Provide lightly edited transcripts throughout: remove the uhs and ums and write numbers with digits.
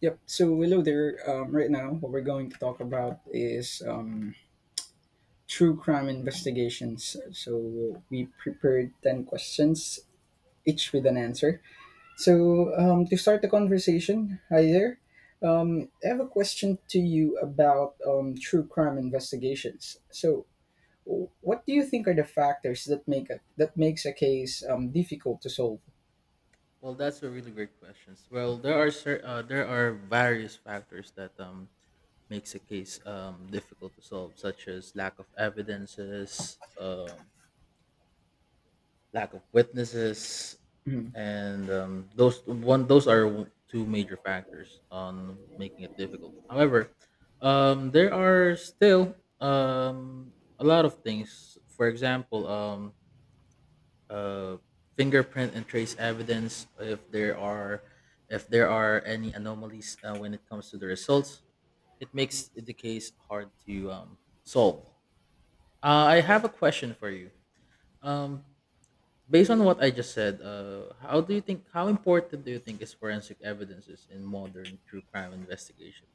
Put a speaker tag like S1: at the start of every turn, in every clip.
S1: Yep. So hello there. Right now, what we're going to talk about is true crime investigations. So we prepared ten questions, each with an answer. So to start the conversation, hi there. I have a question to you about true crime investigations. So, what do you think are the factors that that makes a case difficult to solve?
S2: Well, that's a really great question. Well, there are various factors that makes a case difficult to solve, such as lack of evidences, lack of witnesses,
S1: Hmm.
S2: and those one those are w- two major factors on making it difficult. However, there are still a lot of things. For example, uh, fingerprint and trace evidence if there are any anomalies when it comes to the results, it makes the case hard to solve. I have a question for you. um, Based on what I just said, how important do you think is forensic evidences in modern true crime investigations?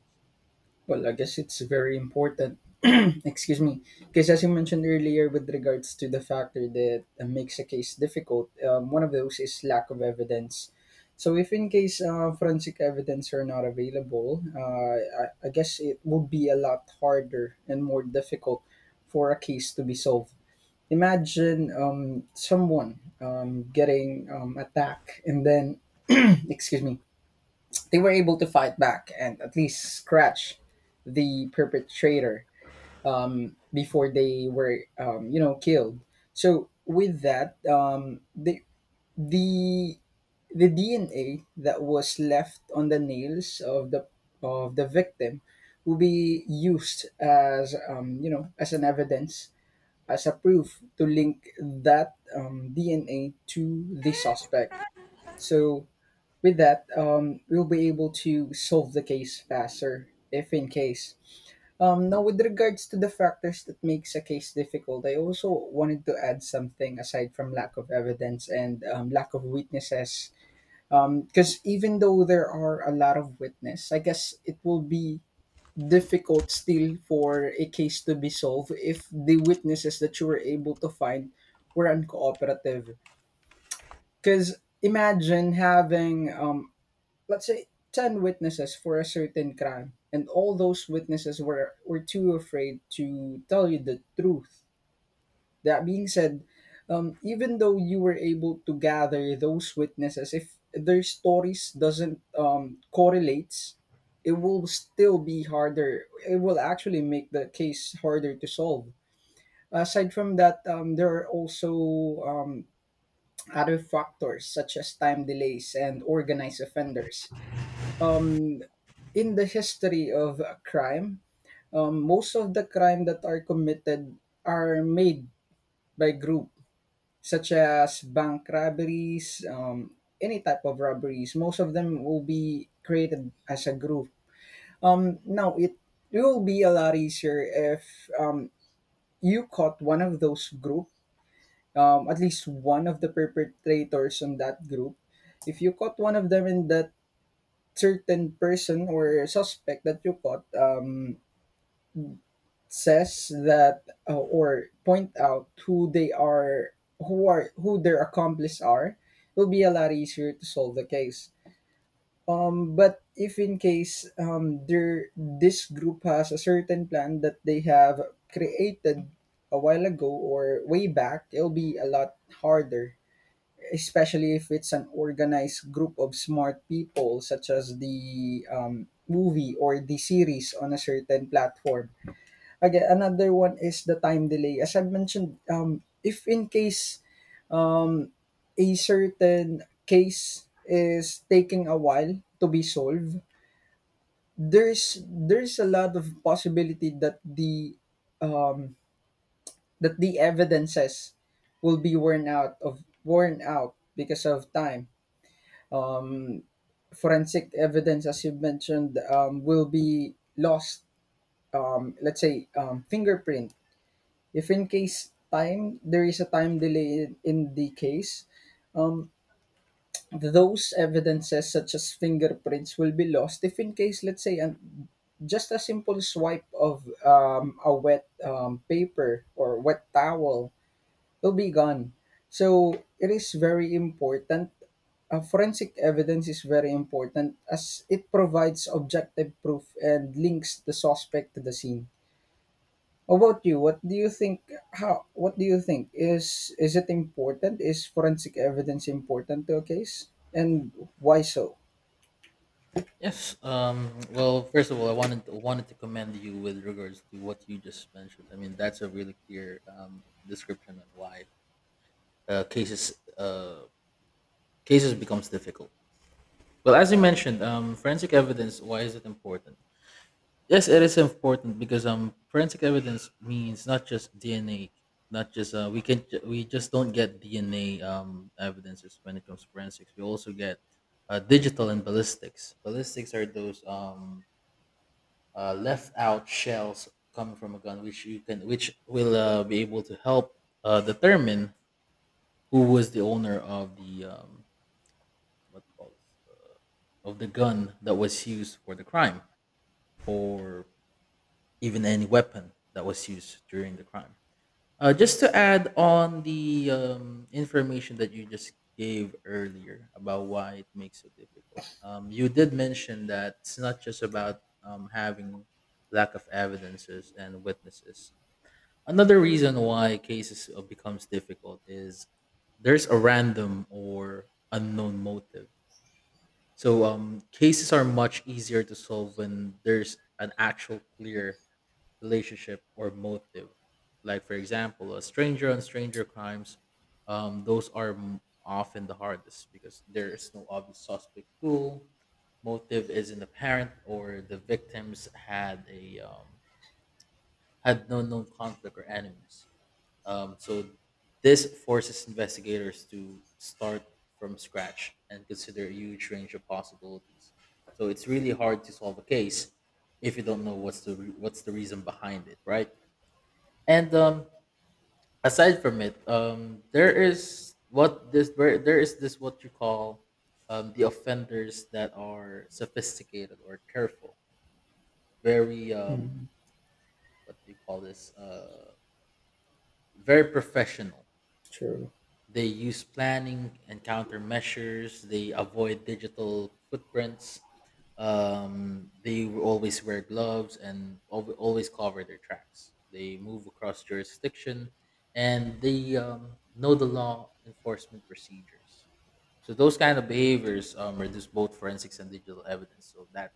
S1: Well, I guess it's very important. Excuse me, because as you mentioned earlier, with regards to the factor that makes a case difficult, one of those is lack of evidence. So, if in case forensic evidence are not available, uh, I guess it would be a lot harder and more difficult for a case to be solved. Imagine someone getting attacked and then, excuse me, they were able to fight back and at least scratch the perpetrator before they were um, killed. So with that, the the DNA that was left on the nails of the victim will be used as um, as an evidence, as a proof to link that DNA to the suspect. So with that, we'll be able to solve the case faster, if in case. Now, with regards to the factors that makes a case difficult, I also wanted to add something aside from lack of evidence and lack of witnesses. Because even though there are a lot of witness, I guess it will be difficult still for a case to be solved if the witnesses that you were able to find were uncooperative. Because imagine having let's say 10 witnesses for a certain crime, and all those witnesses were too afraid to tell you the truth. That being said, even though you were able to gather those witnesses, if their stories doesn't correlates, it will still be harder. It will actually make the case harder to solve. Aside from that, there are also other factors such as time delays and organized offenders. Um. In the history of crime, most of the crime that are committed are made by group, such as bank robberies, any type of robberies. Most of them will be created as a group. Now it will be a lot easier if you caught one of those group, at least one of the perpetrators on that group. If you caught one of them, in that certain person or suspect that you caught, says that or point out who they are, who are, who their accomplices are, it will be a lot easier to solve the case. But if in case, there, this group has a certain plan that they have created a while ago or way back, it'll be a lot harder, especially if it's an organized group of smart people, such as the movie or the series on a certain platform. Aga Another one is the time delay. As I've mentioned, if in case, um, a certain case is taking a while to be solved, there's a lot of possibility that the evidences will be worn out because of time. Forensic evidence, as you mentioned, will be lost. Let's say fingerprint. If in case time there is a time delay in the case, those evidences such as fingerprints will be lost. If in case, let's say, and just a simple swipe of a wet paper or wet towel, will be gone. So it is very important. Forensic evidence is very important, as it provides objective proof and links the suspect to the scene. About you, what do you think? How? What do you think, is it important? Is forensic evidence important to a case, and why so?
S2: Yes. Well, first of all, I wanted to commend you with regards to what you just mentioned. I mean, that's a really clear description on why uh, cases uh, cases becomes difficult. Well, as you mentioned, forensic evidence. Why is it important? Yes, it is important because forensic evidence means not just DNA, not just we just don't get DNA evidences when it comes to forensics. We also get digital and ballistics. Ballistics are those left out shells coming from a gun, which you can which will be able to help determine who was the owner of the what do you call this of the gun that was used for the crime, or even any weapon that was used during the crime. Just to add on the information that you just gave earlier about why it makes it so difficult, you did mention that it's not just about having lack of evidences and witnesses. Another reason why cases becomes difficult is there's a random or unknown motive. So cases are much easier to solve when there's an actual clear relationship or motive. Like for example, a stranger on stranger crimes, often the hardest because there is no obvious suspect pool. Motive isn't apparent, or the victims had a had no known conflict or enemies. So this forces investigators to start from scratch and consider a huge range of possibilities. So it's really hard to solve a case if you don't know what's the reason behind it, right? And aside from it, there is what this there, there is this what you call the offenders that are sophisticated or careful, very
S1: Mm,
S2: what do you call this? Very professional.
S1: true.
S2: They use planning and countermeasures. They avoid digital footprints. They always wear always cover their tracks. They move across jurisdiction, and they know the law enforcement procedures. So those kind of behaviors reduce both forensics and digital evidence. So that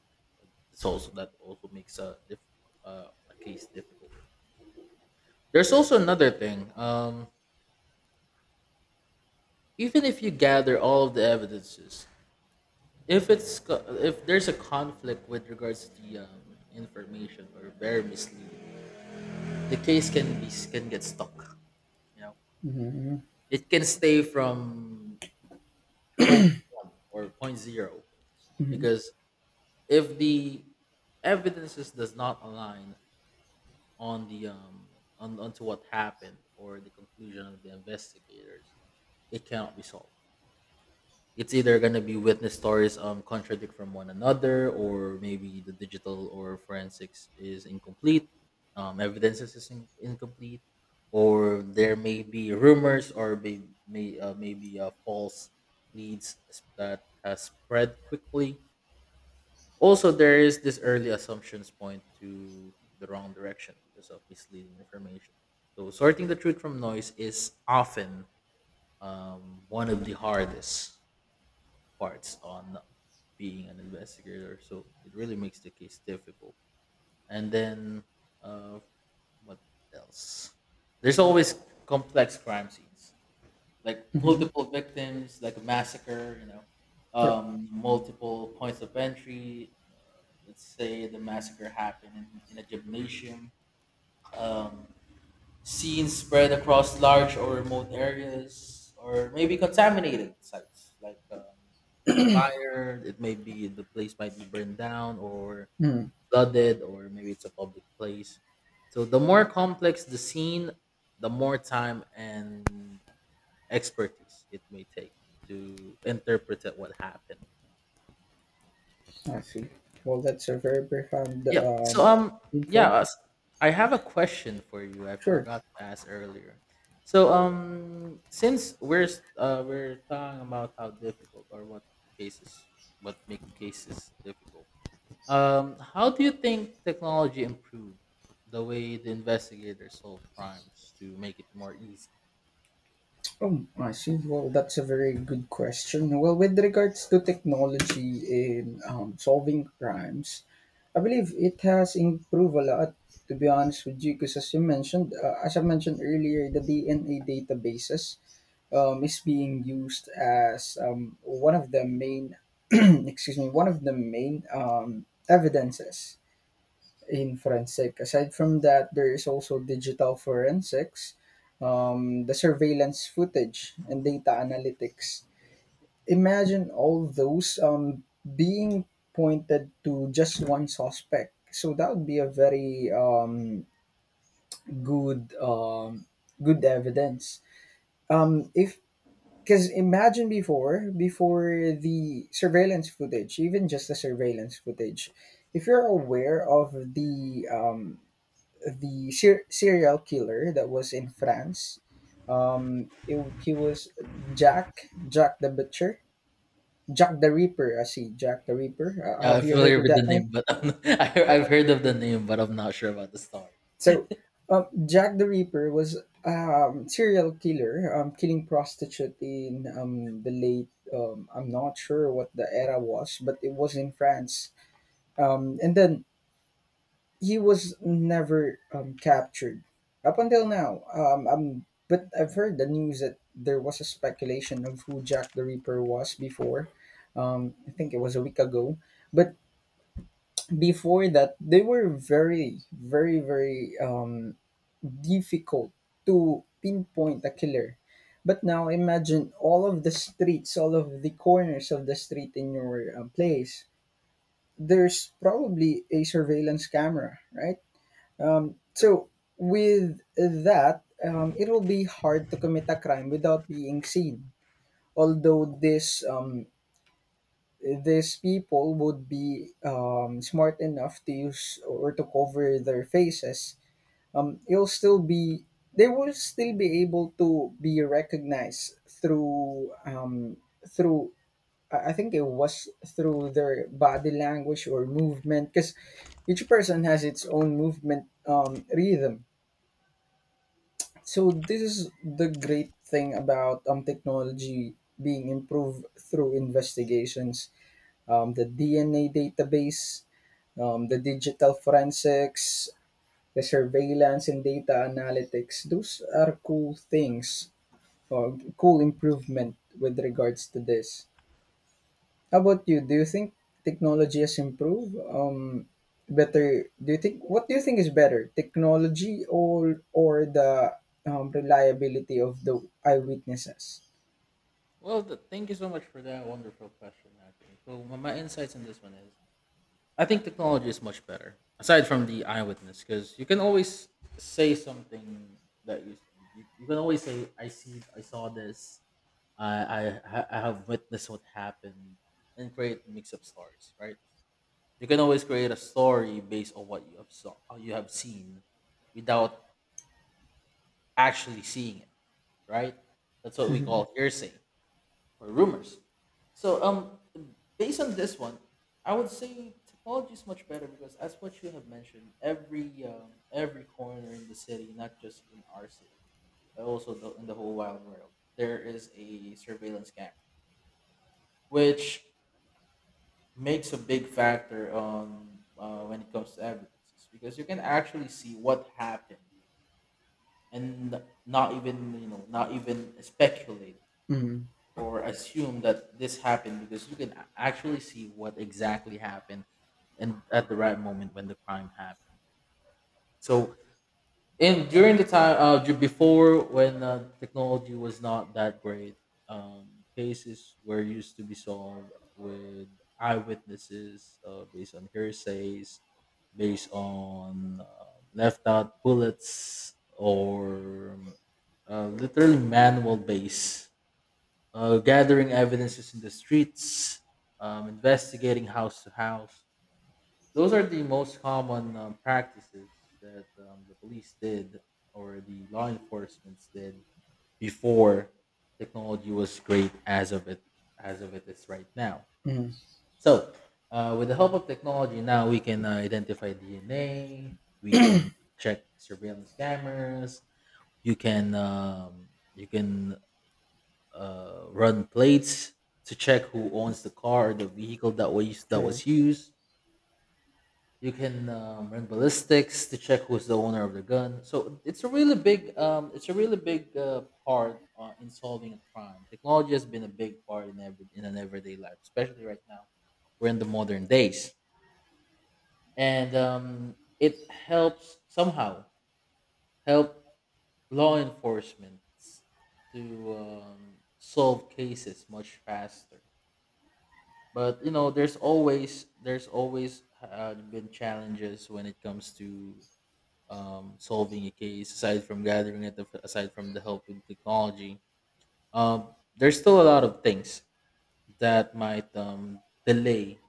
S2: it's also that also makes a case difficult. There's also another thing. Even if you gather all of the evidences, if it's co- if there's a conflict with regards to the information or very misleading, the case can get stuck, you know.
S1: Mm-hmm.
S2: It can stay from point one or point zero,
S1: Mm-hmm.
S2: because if the evidences does not align on the on onto what happened or the conclusion of the investigators, it cannot be solved. It's either going to be witness stories contradict from one another, or maybe the digital or forensics is incomplete, evidences is incomplete, or there may be rumors, or maybe false leads that has spread quickly. Also there is this early assumptions point to the wrong direction because of misleading information. So sorting the truth from noise is often one of the hardest parts on being an investigator. So it really makes the case difficult. And then uh, what else? There's always complex crime scenes, like
S1: Mm-hmm.
S2: multiple victims, like a massacre. You know,
S1: Yep.
S2: multiple points of entry. Let's say the massacre happened in a gymnasium. Um, Scenes spread across large or remote areas, or maybe contaminated sites like fire. It may be the place might be burned down or
S1: Mm,
S2: flooded, or maybe it's a public place. So the more complex the scene, the more time and expertise it may take to interpret what happened.
S1: I see. Well, that's a very profound
S2: Yeah. Yeah,
S1: info.
S2: uh, s- I have a question for you. I
S1: Sure.
S2: forgot to ask earlier. Since we're talking about how difficult or what cases what make cases difficult. How do you think technology improved the way the investigators solve crimes to make it more easy?
S1: Oh, I see. Well, that's a very good question. Well, with regards to technology in solving crimes, I believe it has improved a lot, to be honest with you, because as you mentioned, as I mentioned earlier, the DNA databases is being used as one of the main, excuse me, one of the main evidences in forensic. Aside from that, there is also digital forensics, the surveillance footage, and data analytics. Imagine all those being pointed to just one suspect. So that would be a very um, good evidence. If Because imagine, before the surveillance footage, even just the surveillance footage, if you're aware of the serial killer that was in France, um, it, he was Jack Jack the Butcher Jack the Ripper. I see, Jack the Ripper.
S2: Yeah,
S1: Have
S2: I'm
S1: you heard
S2: familiar
S1: of
S2: with
S1: that
S2: the
S1: name?
S2: name, but I'm not, I've heard of the name, but I'm not sure about the story.
S1: So, Jack the Ripper was serial killer, killing prostitute in the late, I'm not sure what the era was, but it was in France. And then he was never captured up until now. But I've heard the news that there was a speculation of who Jack the Ripper was before. I think it was a week ago, but before that they were very difficult to pinpoint a killer. But now, imagine all of the streets, all of the corners of the street in your place, there's probably a surveillance camera, right? So with that, it will be hard to commit a crime without being seen. Although this, these people would be smart enough to use or to cover their faces, you'll still be they will still be able to be recognized through um, through I think it was through their body language or movement, because each person has its own movement rhythm. So this is the great thing about technology being improved through investigations: the DNA database, the digital forensics, the surveillance and data analytics. Those are cool things or cool improvement with regards to this. How about you? Do you think technology has improved? Better? Do you think what do you think is better, technology or the reliability of the eyewitnesses?
S2: Well, thank you so much for that wonderful question, actually. So, my insights on this one is I think technology is much better aside from the eyewitness because you can always say something that you can always say I saw this. I have witnessed what happened and create mix up stories, right? You can always create a story based on what you have seen without actually seeing it, right? That's what we
S1: Mm-hmm.
S2: call hearsay or rumors. So based on this one, I would say technology is much better because as what you have mentioned, every corner in the city, not just in our city, but also in the whole wild world, there is a surveillance camera, which makes a big factor on when it comes to evidences because you can actually see what happened and not even, you know, not even speculate
S1: Mm-hmm.
S2: or assume that this happened because you can actually see what exactly happened and at the right moment when the crime happened. So in during the time before when technology was not that great, cases were used to be solved with eyewitnesses based on hearsays, based on left out bullets or literally manual base gathering evidences in the streets, investigating house to house. Those are the most common practices that the police did or the law enforcements did before technology was great as of it is right now.
S1: Mm-hmm.
S2: So, with the help of technology, now we can identify DNA. We can check surveillance cameras. You can um, you can run plates to check who owns the car or the vehicle that
S1: True.
S2: was used. You can run ballistics to check who's the owner of the gun. So it's a really big it's a really big part in solving a crime. Technology has been a big part in every in an everyday life, especially right now. We're in the modern days, and it helps somehow help law enforcement to solve cases much faster. But you know, there's always been challenges when it comes to solving a case aside from gathering it, aside from the help with technology. um, there's still a lot of things that might delay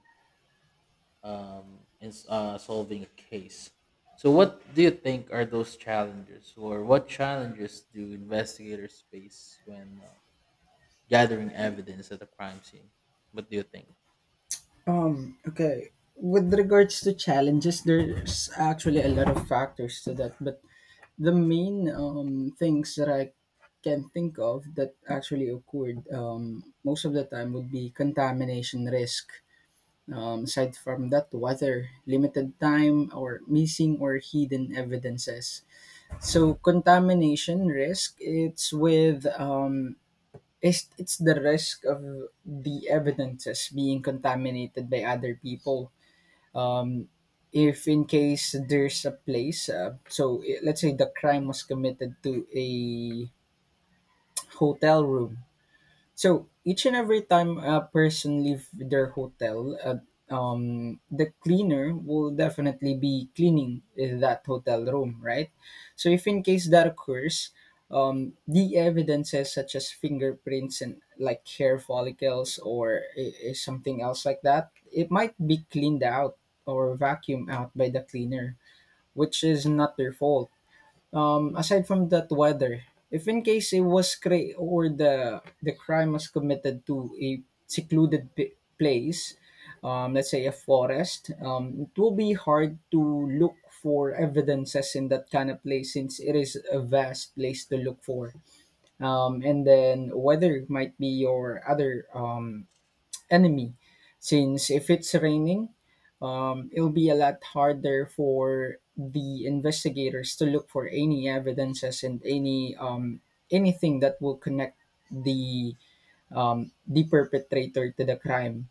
S2: solving a case. So what do you think are those challenges, or what challenges do investigators face when gathering evidence at a crime scene? What do you think?
S1: Okay. With regards to challenges, there's actually a lot of factors to that, but the main things that I can think of that actually occurred most of the time would be contamination risk. Aside from that, weather, limited time, or missing or hidden evidences. So contamination risk, it's with it's the risk of the evidences being contaminated by other people. um, if in case there's a place, let's say the crime was committed to a hotel room, so each and every time a person leave their hotel, the cleaner will definitely be cleaning that hotel room, right? So if in case that occurs, the evidences such as fingerprints and like hair follicles or something else like that, it might be cleaned out or vacuumed out by the cleaner, which is not their fault. Aside from that, weather. If in case it was or the crime was committed to a secluded place, let's say a forest, it will be hard to look for evidences in that kind of place, since it is a vast place to look for. And then weather might be your other enemy, since if it's raining, it'll be a lot harder for the investigators to look for any evidences and any anything that will connect the the perpetrator to the crime.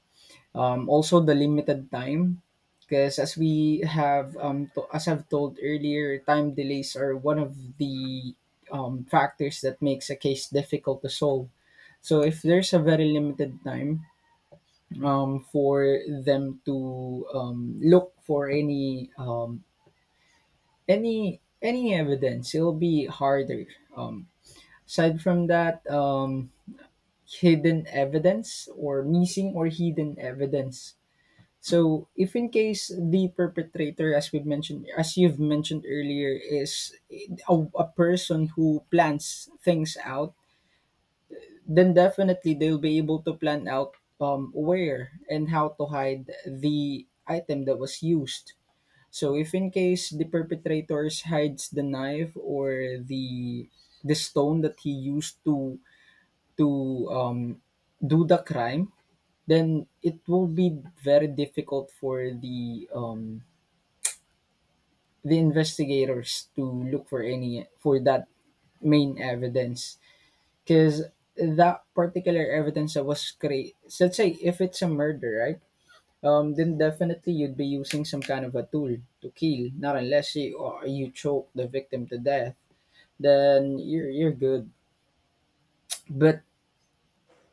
S1: Also the limited time, because as we have as I've told earlier, time delays are one of the factors that makes a case difficult to solve. So if there's a very limited time, for them to look for any evidence, it'll be harder. Um, Aside from that, hidden evidence or missing or hidden evidence. So if in case the perpetrator, as we've mentioned, as you've mentioned earlier, is a person who plans things out, then definitely they'll be able to plan out where and how to hide the item that was used. So if in case the perpetrators hides the knife or the stone that he used to to um, do the crime, then it will be very difficult for the investigators to look for that main evidence. Because that particular evidence that was created, let's say if it's a murder, right? Then definitely you'd be using some kind of a tool to kill, not unless you or you choke the victim to death. Then you're good. But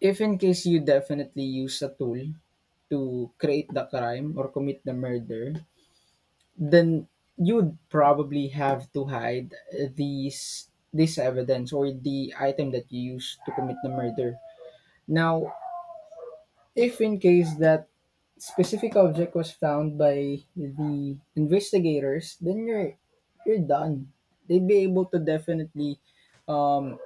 S1: if in case you definitely use a tool to create the crime or commit the murder, then you'd probably have to hide these this evidence or the item that you use to commit the murder. Now, if in case that specific object was found by the investigators, then you're done. They'd be able to definitely, um,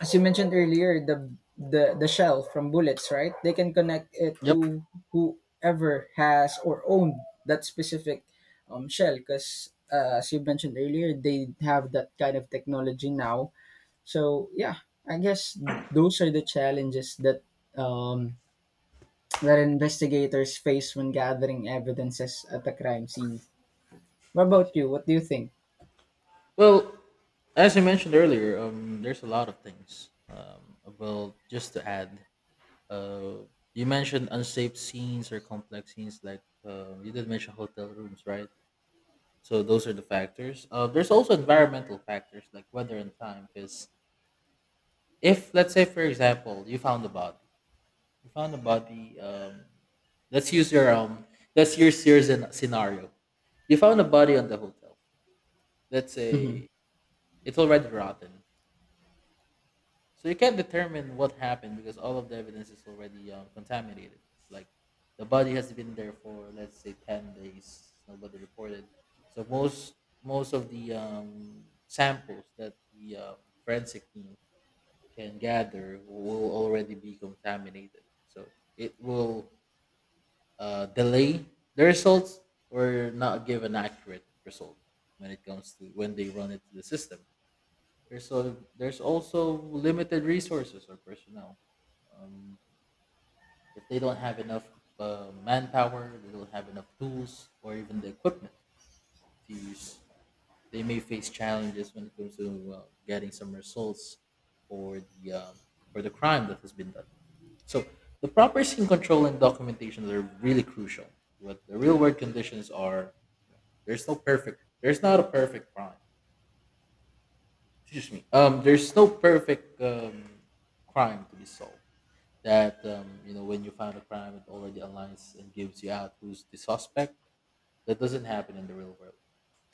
S1: as you mentioned earlier, the the shell from bullets, right? They can connect it
S2: Yep.
S1: to whoever has or owned that specific shell, because as you mentioned earlier, they have that kind of technology now. So yeah, I guess those are the challenges that um, that investigators face when gathering evidences at a crime scene. What
S2: I
S1: about
S2: see.
S1: you? What do you think?
S2: Well, as I mentioned earlier, there's a lot of things. Well, just to add, uh, you mentioned unsafe scenes or complex scenes, like you did mention hotel rooms, right? So those are the factors. There's also environmental factors like weather and time. Because if, let's say, for example, you found a body. Let's use your um, let's use your scenario. You found a body on the hotel. Let's
S1: Mm-hmm.
S2: say it's already rotten. So you can't determine what happened because all of the evidence is already contaminated. It's like the body has been there for, let's say, 10 days. Nobody reported. So most of the samples that the forensic team can gather will already be contaminated. So it will delay the results or not give an accurate result when it comes to when they run it to the system. There's also limited resources or personnel. Um, if they don't have enough manpower, they don't have enough tools or even the equipment to use, they may face challenges when it comes to getting some results for the um, for the crime that has been done. So the proper scene control and documentation are really crucial. What the real world conditions are, there's no perfect. There's not a perfect crime. Excuse me. There's no perfect crime to be solved. That when you find a crime it already aligns and gives you out who's the suspect. That doesn't happen in the real world,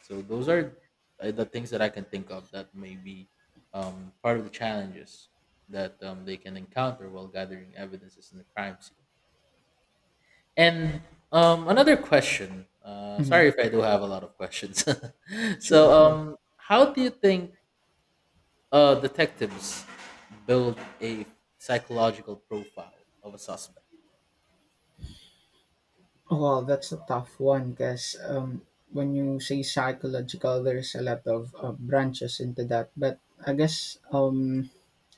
S2: so those are the things that I can think of that may be part of the challenges that they can encounter while gathering evidences in the crime scene. And um, another question.
S1: Mm-hmm.
S2: Sorry if I do have a lot of questions.
S1: Sure, sure.
S2: How do you think detectives build a psychological profile of a suspect?
S1: Well, that's a tough one because when you say psychological, there's a lot of branches into that. But I guess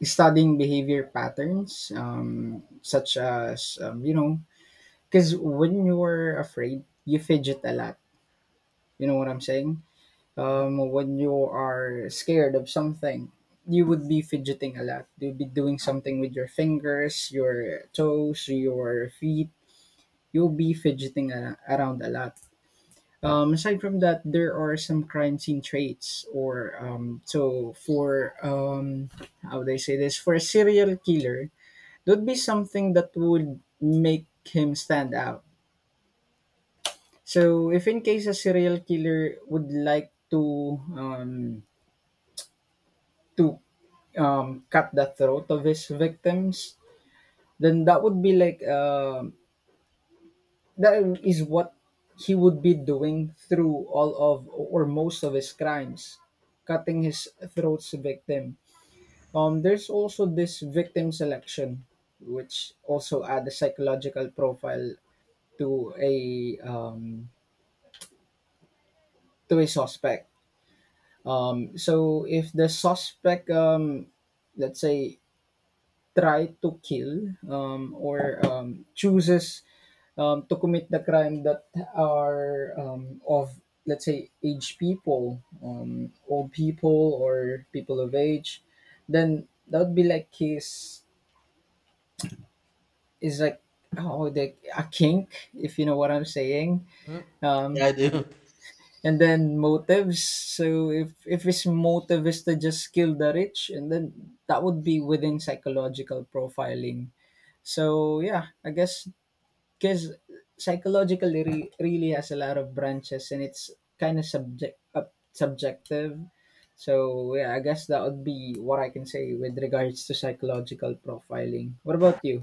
S1: studying behavior patterns, such as, you know, because when you're afraid, you fidget a lot. You know what I'm saying?
S2: Mhm.
S1: When you are scared of something, you would be fidgeting a lot. You'll be doing something with your fingers, your toes, your feet. You'll be around a lot. Aside from that, there are some crime scene traits, or so for how would I say this? For a serial killer, that would be something that would make him stand out. So if in case a serial killer would like to to cut the throat of his victims, then that would be like that is what he would be doing through all of or most of his crimes, cutting his throat's victim. There's also this victim selection, which also add a psychological profile to a um, to a suspect. So if the suspect, let's say try to kill or chooses to commit the crime that are of let's say aged people, old people or people of age, then that would be like his is like how the, a kink, if you know what I'm saying.
S2: Mm.
S1: Um,
S2: Yeah, I do.
S1: and then motives. So if his motive is to just kill the rich, and then that would be within psychological profiling. So yeah, I guess, because really has a lot of branches, and it's kind of subjective. So yeah, I guess that would be what I can say with regards to psychological profiling. What about you?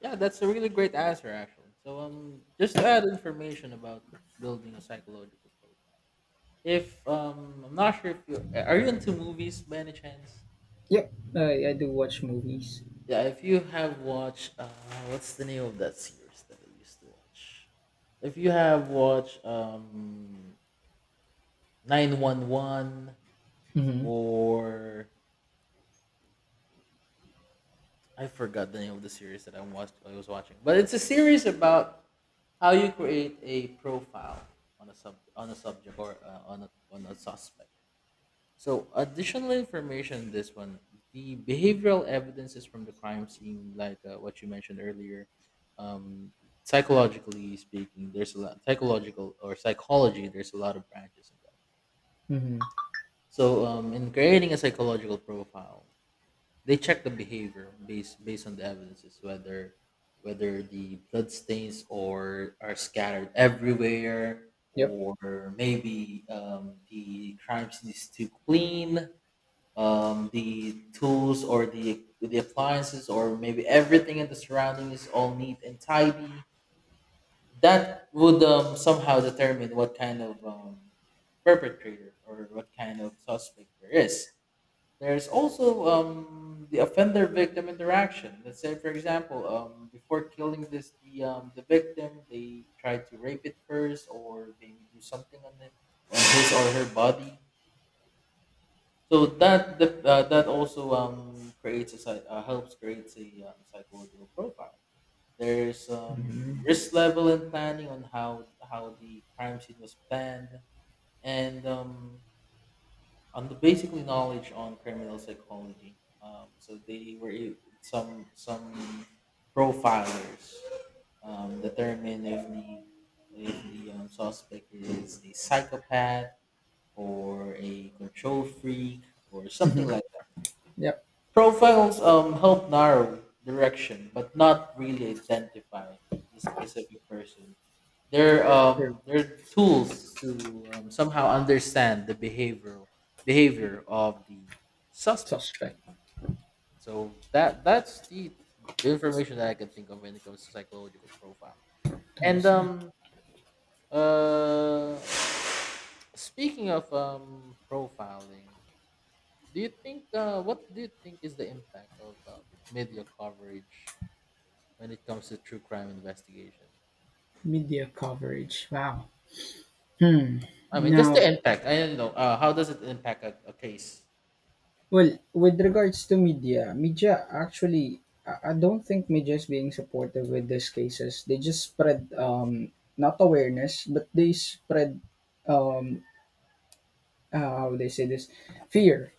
S2: Yeah, that's a really great answer, actually. So, just to add information about building a psychological profile. If I'm not sure if you are you into movies by any chance.
S1: Yep, I do watch movies.
S2: Yeah, if you have watched, what's the name of that series that I used to watch? If you have watched 911,
S1: Mm-hmm.
S2: or I forgot the name of the series that I watched. I was watching, but it's a series about how you create a profile on a subject, or on a suspect. So, additional information in this one: the behavioral evidences from the crime scene, like what you mentioned earlier. Um, psychologically speaking, there's a lot psychological or psychology, there's a lot of branches in that.
S1: Mm-hmm.
S2: So, in creating a psychological profile, they check the behavior based on the evidences, whether the blood stains or are scattered everywhere,
S1: Yep.
S2: or maybe the crime scene is too clean, the tools or the appliances, or maybe everything in the surrounding is all neat and tidy. That would somehow determine what kind of perpetrator or what kind of suspect there is. There's also the offender victim interaction. Let's say, for example, before killing this the victim, they try to rape it first, or maybe do something on it, on his or her body. So that also helps creates a psychological profile. There's
S1: Mm-hmm.
S2: risk level and planning on how the crime scene was planned, and on the basically knowledge on criminal psychology. So some profilers determine if the suspect is a psychopath or a control freak or something
S1: Mm-hmm.
S2: like that.
S1: Yep.
S2: Profiles help narrow direction, but not really identify the specific person. They're
S1: Sure.
S2: tools to somehow understand the behavior of the suspect.
S1: Suspect.
S2: So that that's the information that I can think of when it comes to psychological profile.
S1: I
S2: And
S1: see.
S2: uh speaking of profiling, do you think what do you think is the impact of media coverage when it comes to true crime investigation?
S1: Media coverage, wow. Hmm.
S2: I mean, just the
S1: Now,
S2: impact. I don't know. How does it impact a case?
S1: well, with regards to media, media actually, I don't think media is being supportive with these cases. They just spread not awareness, but they spread um, how would they say this, fear.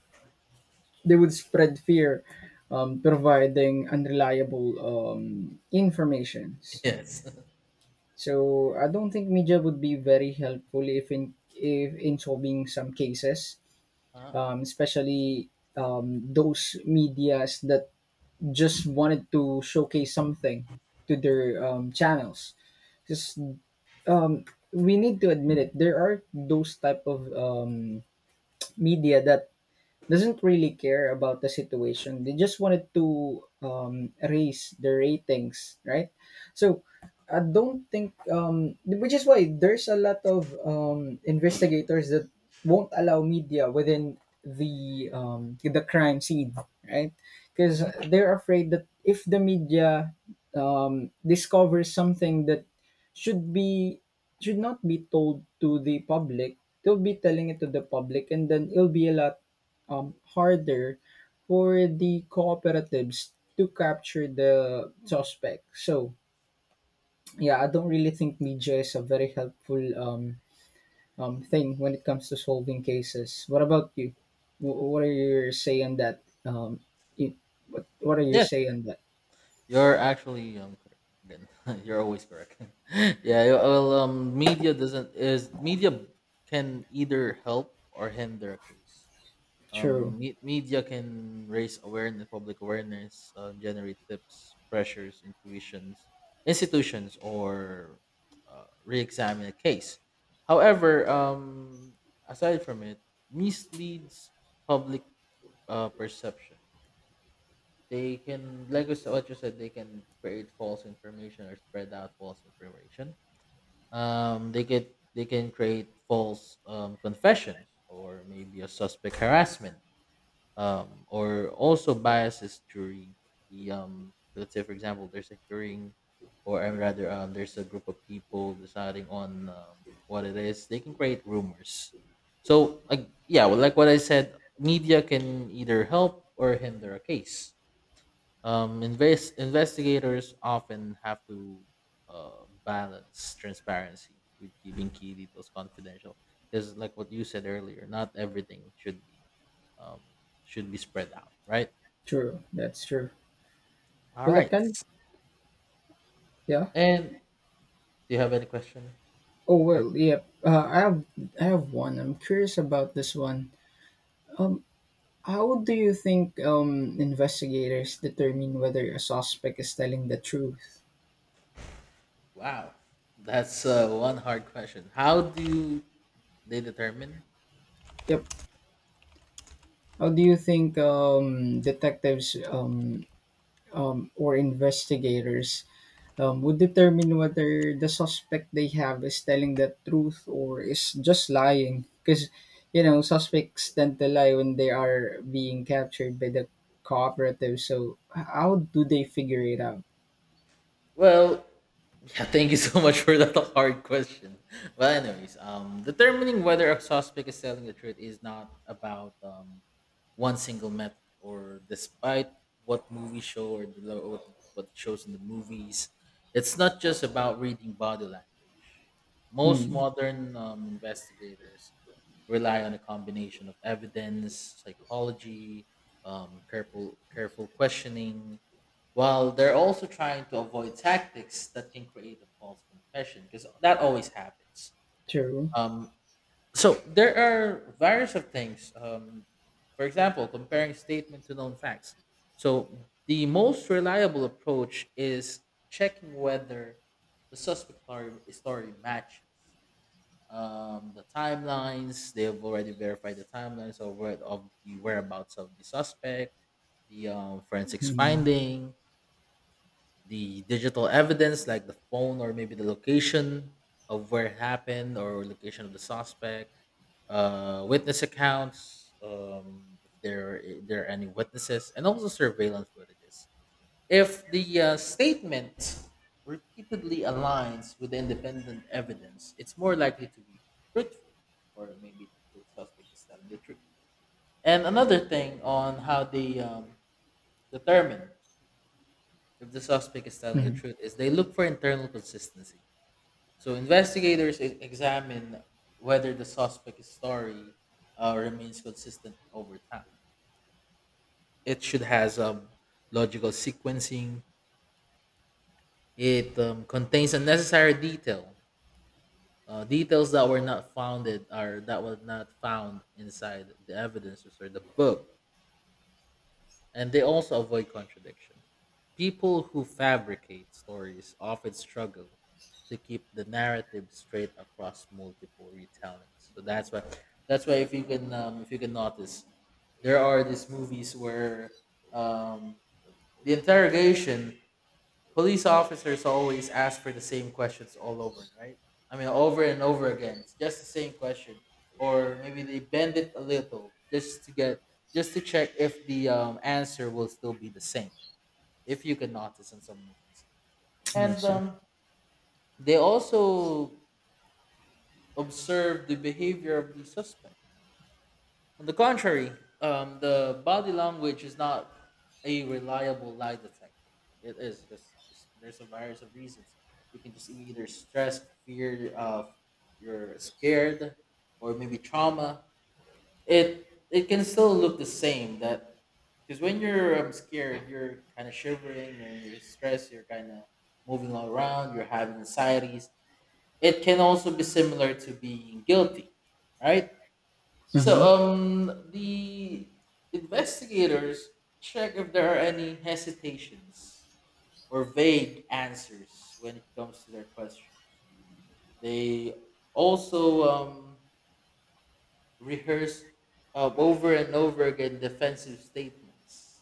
S1: They would spread fear, providing unreliable informations.
S2: Yes.
S1: So I don't think media would be very helpful if in solving some cases,
S2: Huh?
S1: especially those medias that just wanted to showcase something to their channels, because um, we need to admit it, there are those type of media that doesn't really care about the situation. They just wanted to raise the ratings, right? So I don't think, which is why there's a lot of investigators that won't allow media within the crime scene, right? Because
S2: Mhm.
S1: they're afraid that if the media discovers something that should be should not be told to the public, they'll be telling it to the public, and then it'll be a lot harder for the cooperatives to capture the suspect. So, yeah, I don't really think media is a very helpful thing when it comes to solving cases. What about you? What are your say on that? It, what are your
S2: Yes,
S1: say on that?
S2: you're actually correct. Again, you're always correct. Yeah, well, media doesn't is media can either help or hinder a case.
S1: True,
S2: Media can raise awareness, public awareness, generate tips, pressures, intuitions, institutions, or re-examine a case. However, aside from it, misleads public perception. They can, what you said, they can create false information or spread out false information. They can create false confessions, or maybe a suspect harassment. Or also biases during the let's say, for example, there's a hearing, or rather, there's a group of people deciding on what it is. They can create rumors. So, like, yeah, well, like what I said, media can either help or hinder a case. Investigators often have to balance transparency with keeping key details confidential, because, like what you said earlier, not everything um, should be spread out, right?
S1: true, that's true.
S2: All
S1: Well, I
S2: right.
S1: can, yeah.
S2: And do you have any question?
S1: Oh
S2: For-
S1: well, yeah. I have one. I'm curious about this one. Um, How do you think investigators determine whether a suspect is telling the truth?
S2: Wow, that's one hard question. How do they determine?
S1: Yep. How do you think detectives or investigators would determine whether the suspect they have is telling the truth or is just lying? Because, you know, suspects tend to lie when they are being captured by the cooperative. So, how do they figure it out?
S2: Well, yeah, thank you so much for that hard question. Well, anyways, determining whether a suspect is telling the truth is not about one single method, or despite what movie show, or the what what shows in the movies, it's not just about reading body language. Most
S1: Mm,
S2: modern investigators rely on a combination of evidence, psychology, careful questioning, while they're also trying to avoid tactics that can create a false confession, because that always happens.
S1: true.
S2: Um, so there are various of things. For example, comparing statement to known facts. So the most reliable approach is checking whether story matches the timelines. They've already verified the timelines of where, of the whereabouts of the suspect, the forensics
S1: Mm-hmm.
S2: finding, the digital evidence like the phone, or maybe the location of where it happened, or location of the suspect, witness accounts, if there are any witnesses, and also surveillance footages. If the statement repeatedly aligns with the independent evidence, it's more likely to be truthful, or maybe the suspect is telling the truth. And another thing on how they determine if the suspect is telling the truth is they look for internal consistency. So investigators examine whether the suspect's story remains consistent over time. It should has logical sequencing. It contains unnecessary detail. Details that were not founded, are that were not found inside the evidences or the book, and they also avoid contradiction. People who fabricate stories often struggle to keep the narrative straight across multiple retellings. So that's why if you can notice, there are these movies where um, the interrogation police officers always ask for the same questions all over, right? I mean, over and over again. It's just the same question, or maybe they bend it a little just to get, just to check if the answer will still be the same. If you can notice in some movies,
S1: I
S2: and
S1: see.
S2: they also observe the behavior of the suspect. On the contrary, the body language is not a reliable lie detector. It is because there's a variety of reasons. You can just either stress, fear, you're scared, or maybe trauma. It can still look the same. That because when you're scared, you're kind of shivering, and you're stressed. You're kind of moving all around. You're having anxieties. It can also be similar to being guilty, right?
S1: Hmm.
S2: The investigators check if there are any hesitations or vague answers when it comes to their questions. They also rehearse over and over again defensive statements.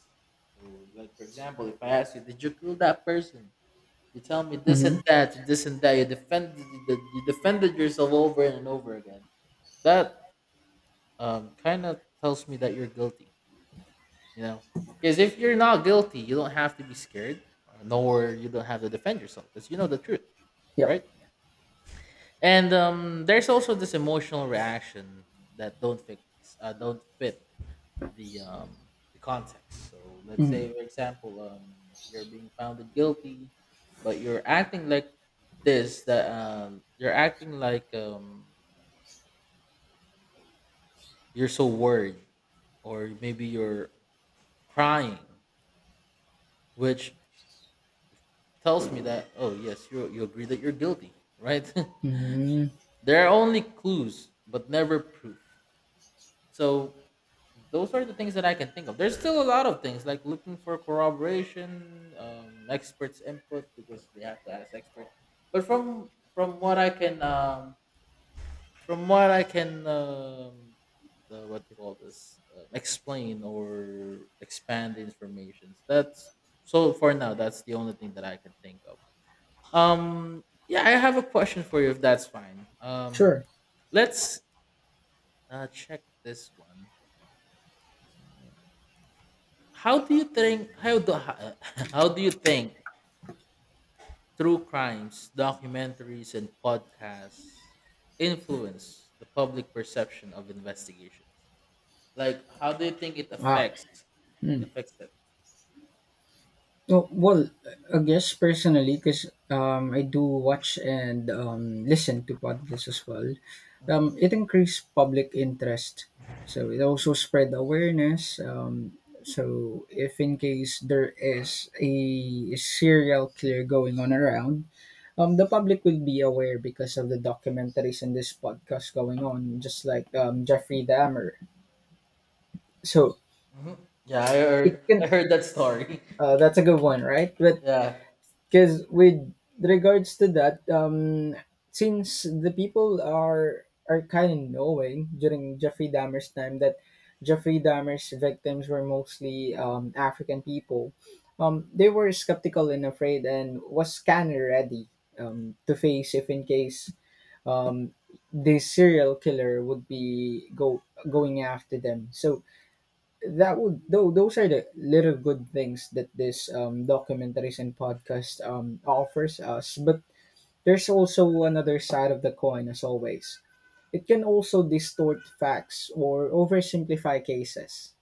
S2: So, like, for example, if I ask you, "Did you kill that person?" You tell me this
S1: Mm-hmm.
S2: and that, and this and that. You defended yourself over and over again. That kind of tells me that you're guilty, you know, because if you're not guilty you don't have to be scared, nor you don't have to defend yourself, because you know the truth,
S1: Yep.
S2: right? and there's also this emotional reaction that don't fit the um, the context. So let's
S1: Mm-hmm.
S2: say, for example, you're being found guilty, but you're acting like this that you're acting like you're so worried, or maybe you're crying, which tells me that, oh, yes, you agree that you're guilty, right?
S1: Hmm.
S2: There are only clues, but never proof. So those are the things that I can think of. There's still a lot of things like looking for corroboration, experts' input, because they have to ask experts. But from what I can from what I can um, what they call this, explain or expand the information. That's, so for now, that's the only thing that I can think of. Yeah, I have a question for you if that's fine.
S1: Sure.
S2: Let's check this one. How do you think how do how do you think true crimes, documentaries, and podcasts influence the public perception of investigations? Like, how do you think it
S1: Ah.
S2: affects it?
S1: Well, well, I guess personally, because I do watch and listen to podcasts as well,
S2: Mhm,
S1: it increased public interest. So it also spread awareness. So if in case there is a serial killer going on around, the public will be aware because of the documentaries and this podcast going on, just like Jeffrey Dahmer. So
S2: mhm.
S1: it can,
S2: I heard that story.
S1: uh, that's a good one, right? But
S2: Yeah,
S1: because with regards to that, since the people are kind of knowing during Jeffrey Dahmer's time that Jeffrey Dahmer's victims were mostly African people, they were skeptical and afraid and was kind of ready to face if in case um, the serial killer would be go going after them. So that would though those are the little good things that this documentaries and podcast offers us, but there's also another side of the coin, as always, it can also distort facts or oversimplify cases.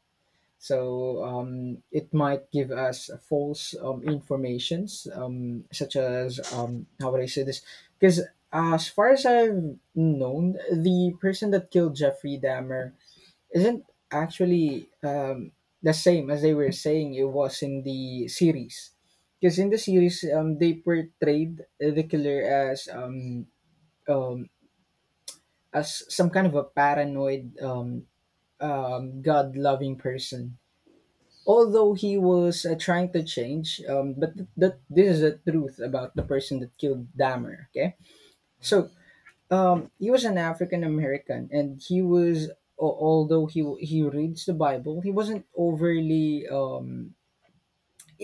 S1: So it might give us false informations, such as how would I say this, because as far as I've known, the person that killed Jeffrey Dahmer isn't actually the same as they were saying it was in the series. Because in the series, they portrayed the killer um, as some kind of a paranoid, God loving person. Although he was trying to change, but th- that this is the truth about the person that killed Dahmer. Okay, so um, he was an African American, and he was although he reads the Bible, he wasn't overly um,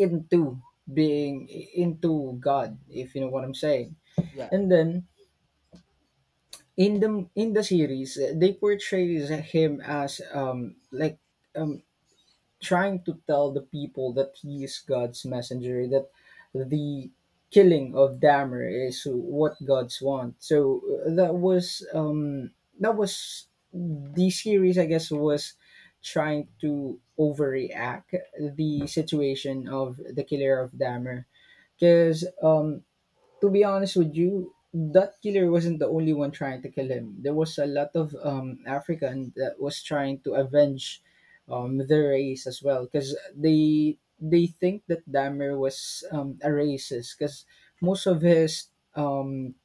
S1: into being into God, if you know what I'm saying.
S2: yeah.
S1: And then in the series, they portrays him as um, like um, trying to tell the people that he is God's messenger, that the killing of Damer is what God's want. So that was that was the series, I guess, was trying to overreact the situation of the killer of Damer, because um, to be honest with you, that killer wasn't the only one trying to kill him. There was a lot of um, African that was trying to avenge um, their race as well, because they think that Dahmer was um, a racist, because most of his um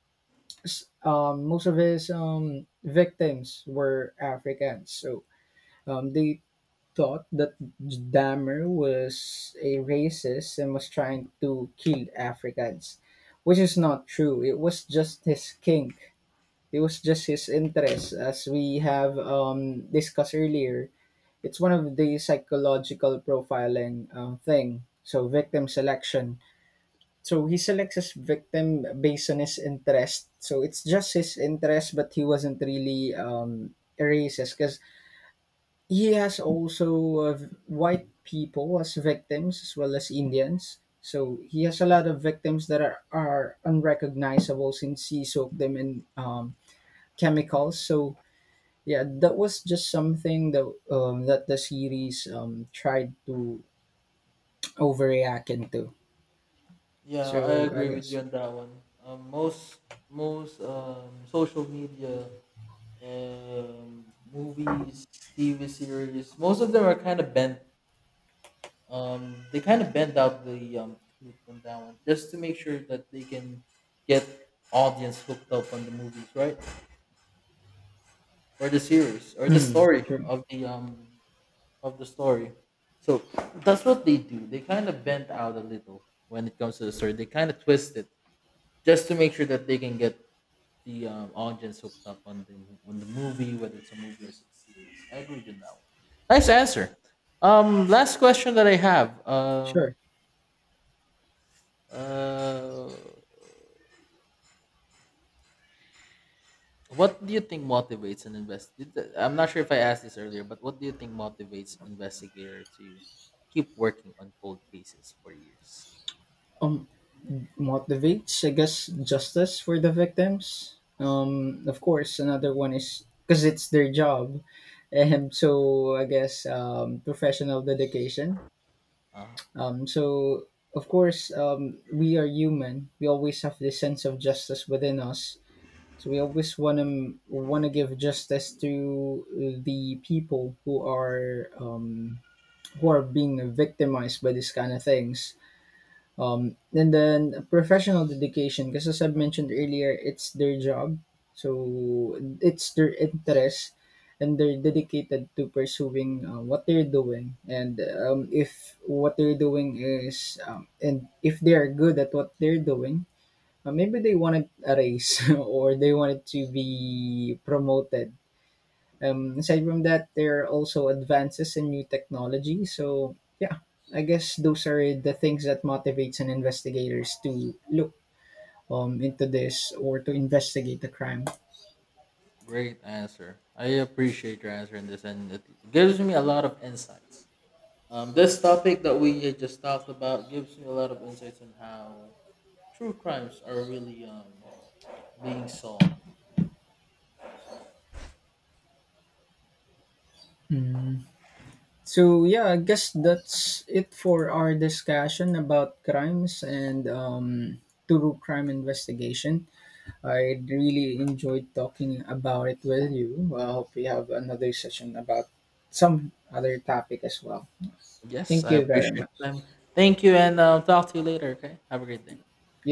S1: s- um most of his um, victims were Africans. So um, they thought that Dahmer was a racist and was trying to kill Africans, which is not true. It was just his kink. It was just his interest, as we have discussed earlier. It's one of the psychological profiling thing. So victim selection. So he selects his victim based on his interest. So it's just his interest, but he wasn't really a racist, because he has also white people as victims, as well as Indians. So he has a lot of victims are unrecognizable since he soaked them in chemicals. So yeah, that was just something that that the series tried to overreact into.
S2: Yeah, I
S1: So I
S2: agree with you
S1: guess.
S2: on that one. Most social media, movies, TV series, most of them are kind of bent. They kind of bend out the truth on that one, just to make sure that they can get audience hooked up on the movies, right? Or the series, or the
S1: Hmm.
S2: story
S1: Sure.
S2: of the story. So that's what they do. They kind of bent out a little when it comes to the story. They kind of twist it just to make sure that they can get the audience hooked up on the movie, whether it's a movie or it's a series. I agree with that one. Nice answer. Last question that I have.
S1: Sure.
S2: Uh, what do you think motivates an investigator? I'm not sure if I asked this earlier, but what do you think motivates investigator to keep working on cold cases for years?
S1: Um, motivates, I guess, justice for the victims. Of course, another one is because it's their job, and so I guess professional dedication.
S2: Uh,
S1: So of course, we are human. We always have this sense of justice within us. So we always want to give justice to the people who are being victimized by these kind of things, and then professional dedication, because as I've mentioned earlier, it's their job, so it's their interest, and they're dedicated to pursuing what they're doing. And if what they're doing is, and if they are good at what they're doing, maybe they wanted a raise or they wanted to be promoted. Um, aside from that, there are also advances in new technology. So yeah, I guess those are the things that motivates an investigators to look into this or to investigate the crime.
S2: great answer. I appreciate your answer in this, and it gives me a lot of insights. This topic that we had just talked about gives me a lot of insights on how true crimes are really being solved.
S1: Mm. So yeah, I guess that's it for our discussion about crimes and true crime investigation. I really enjoyed talking about it with you. I hope we have another session about some other topic as well.
S2: Yes,
S1: Thank
S2: I
S1: you very
S2: appreciate
S1: much.
S2: them. Thank you, and talk to you later. Okay, have a great day.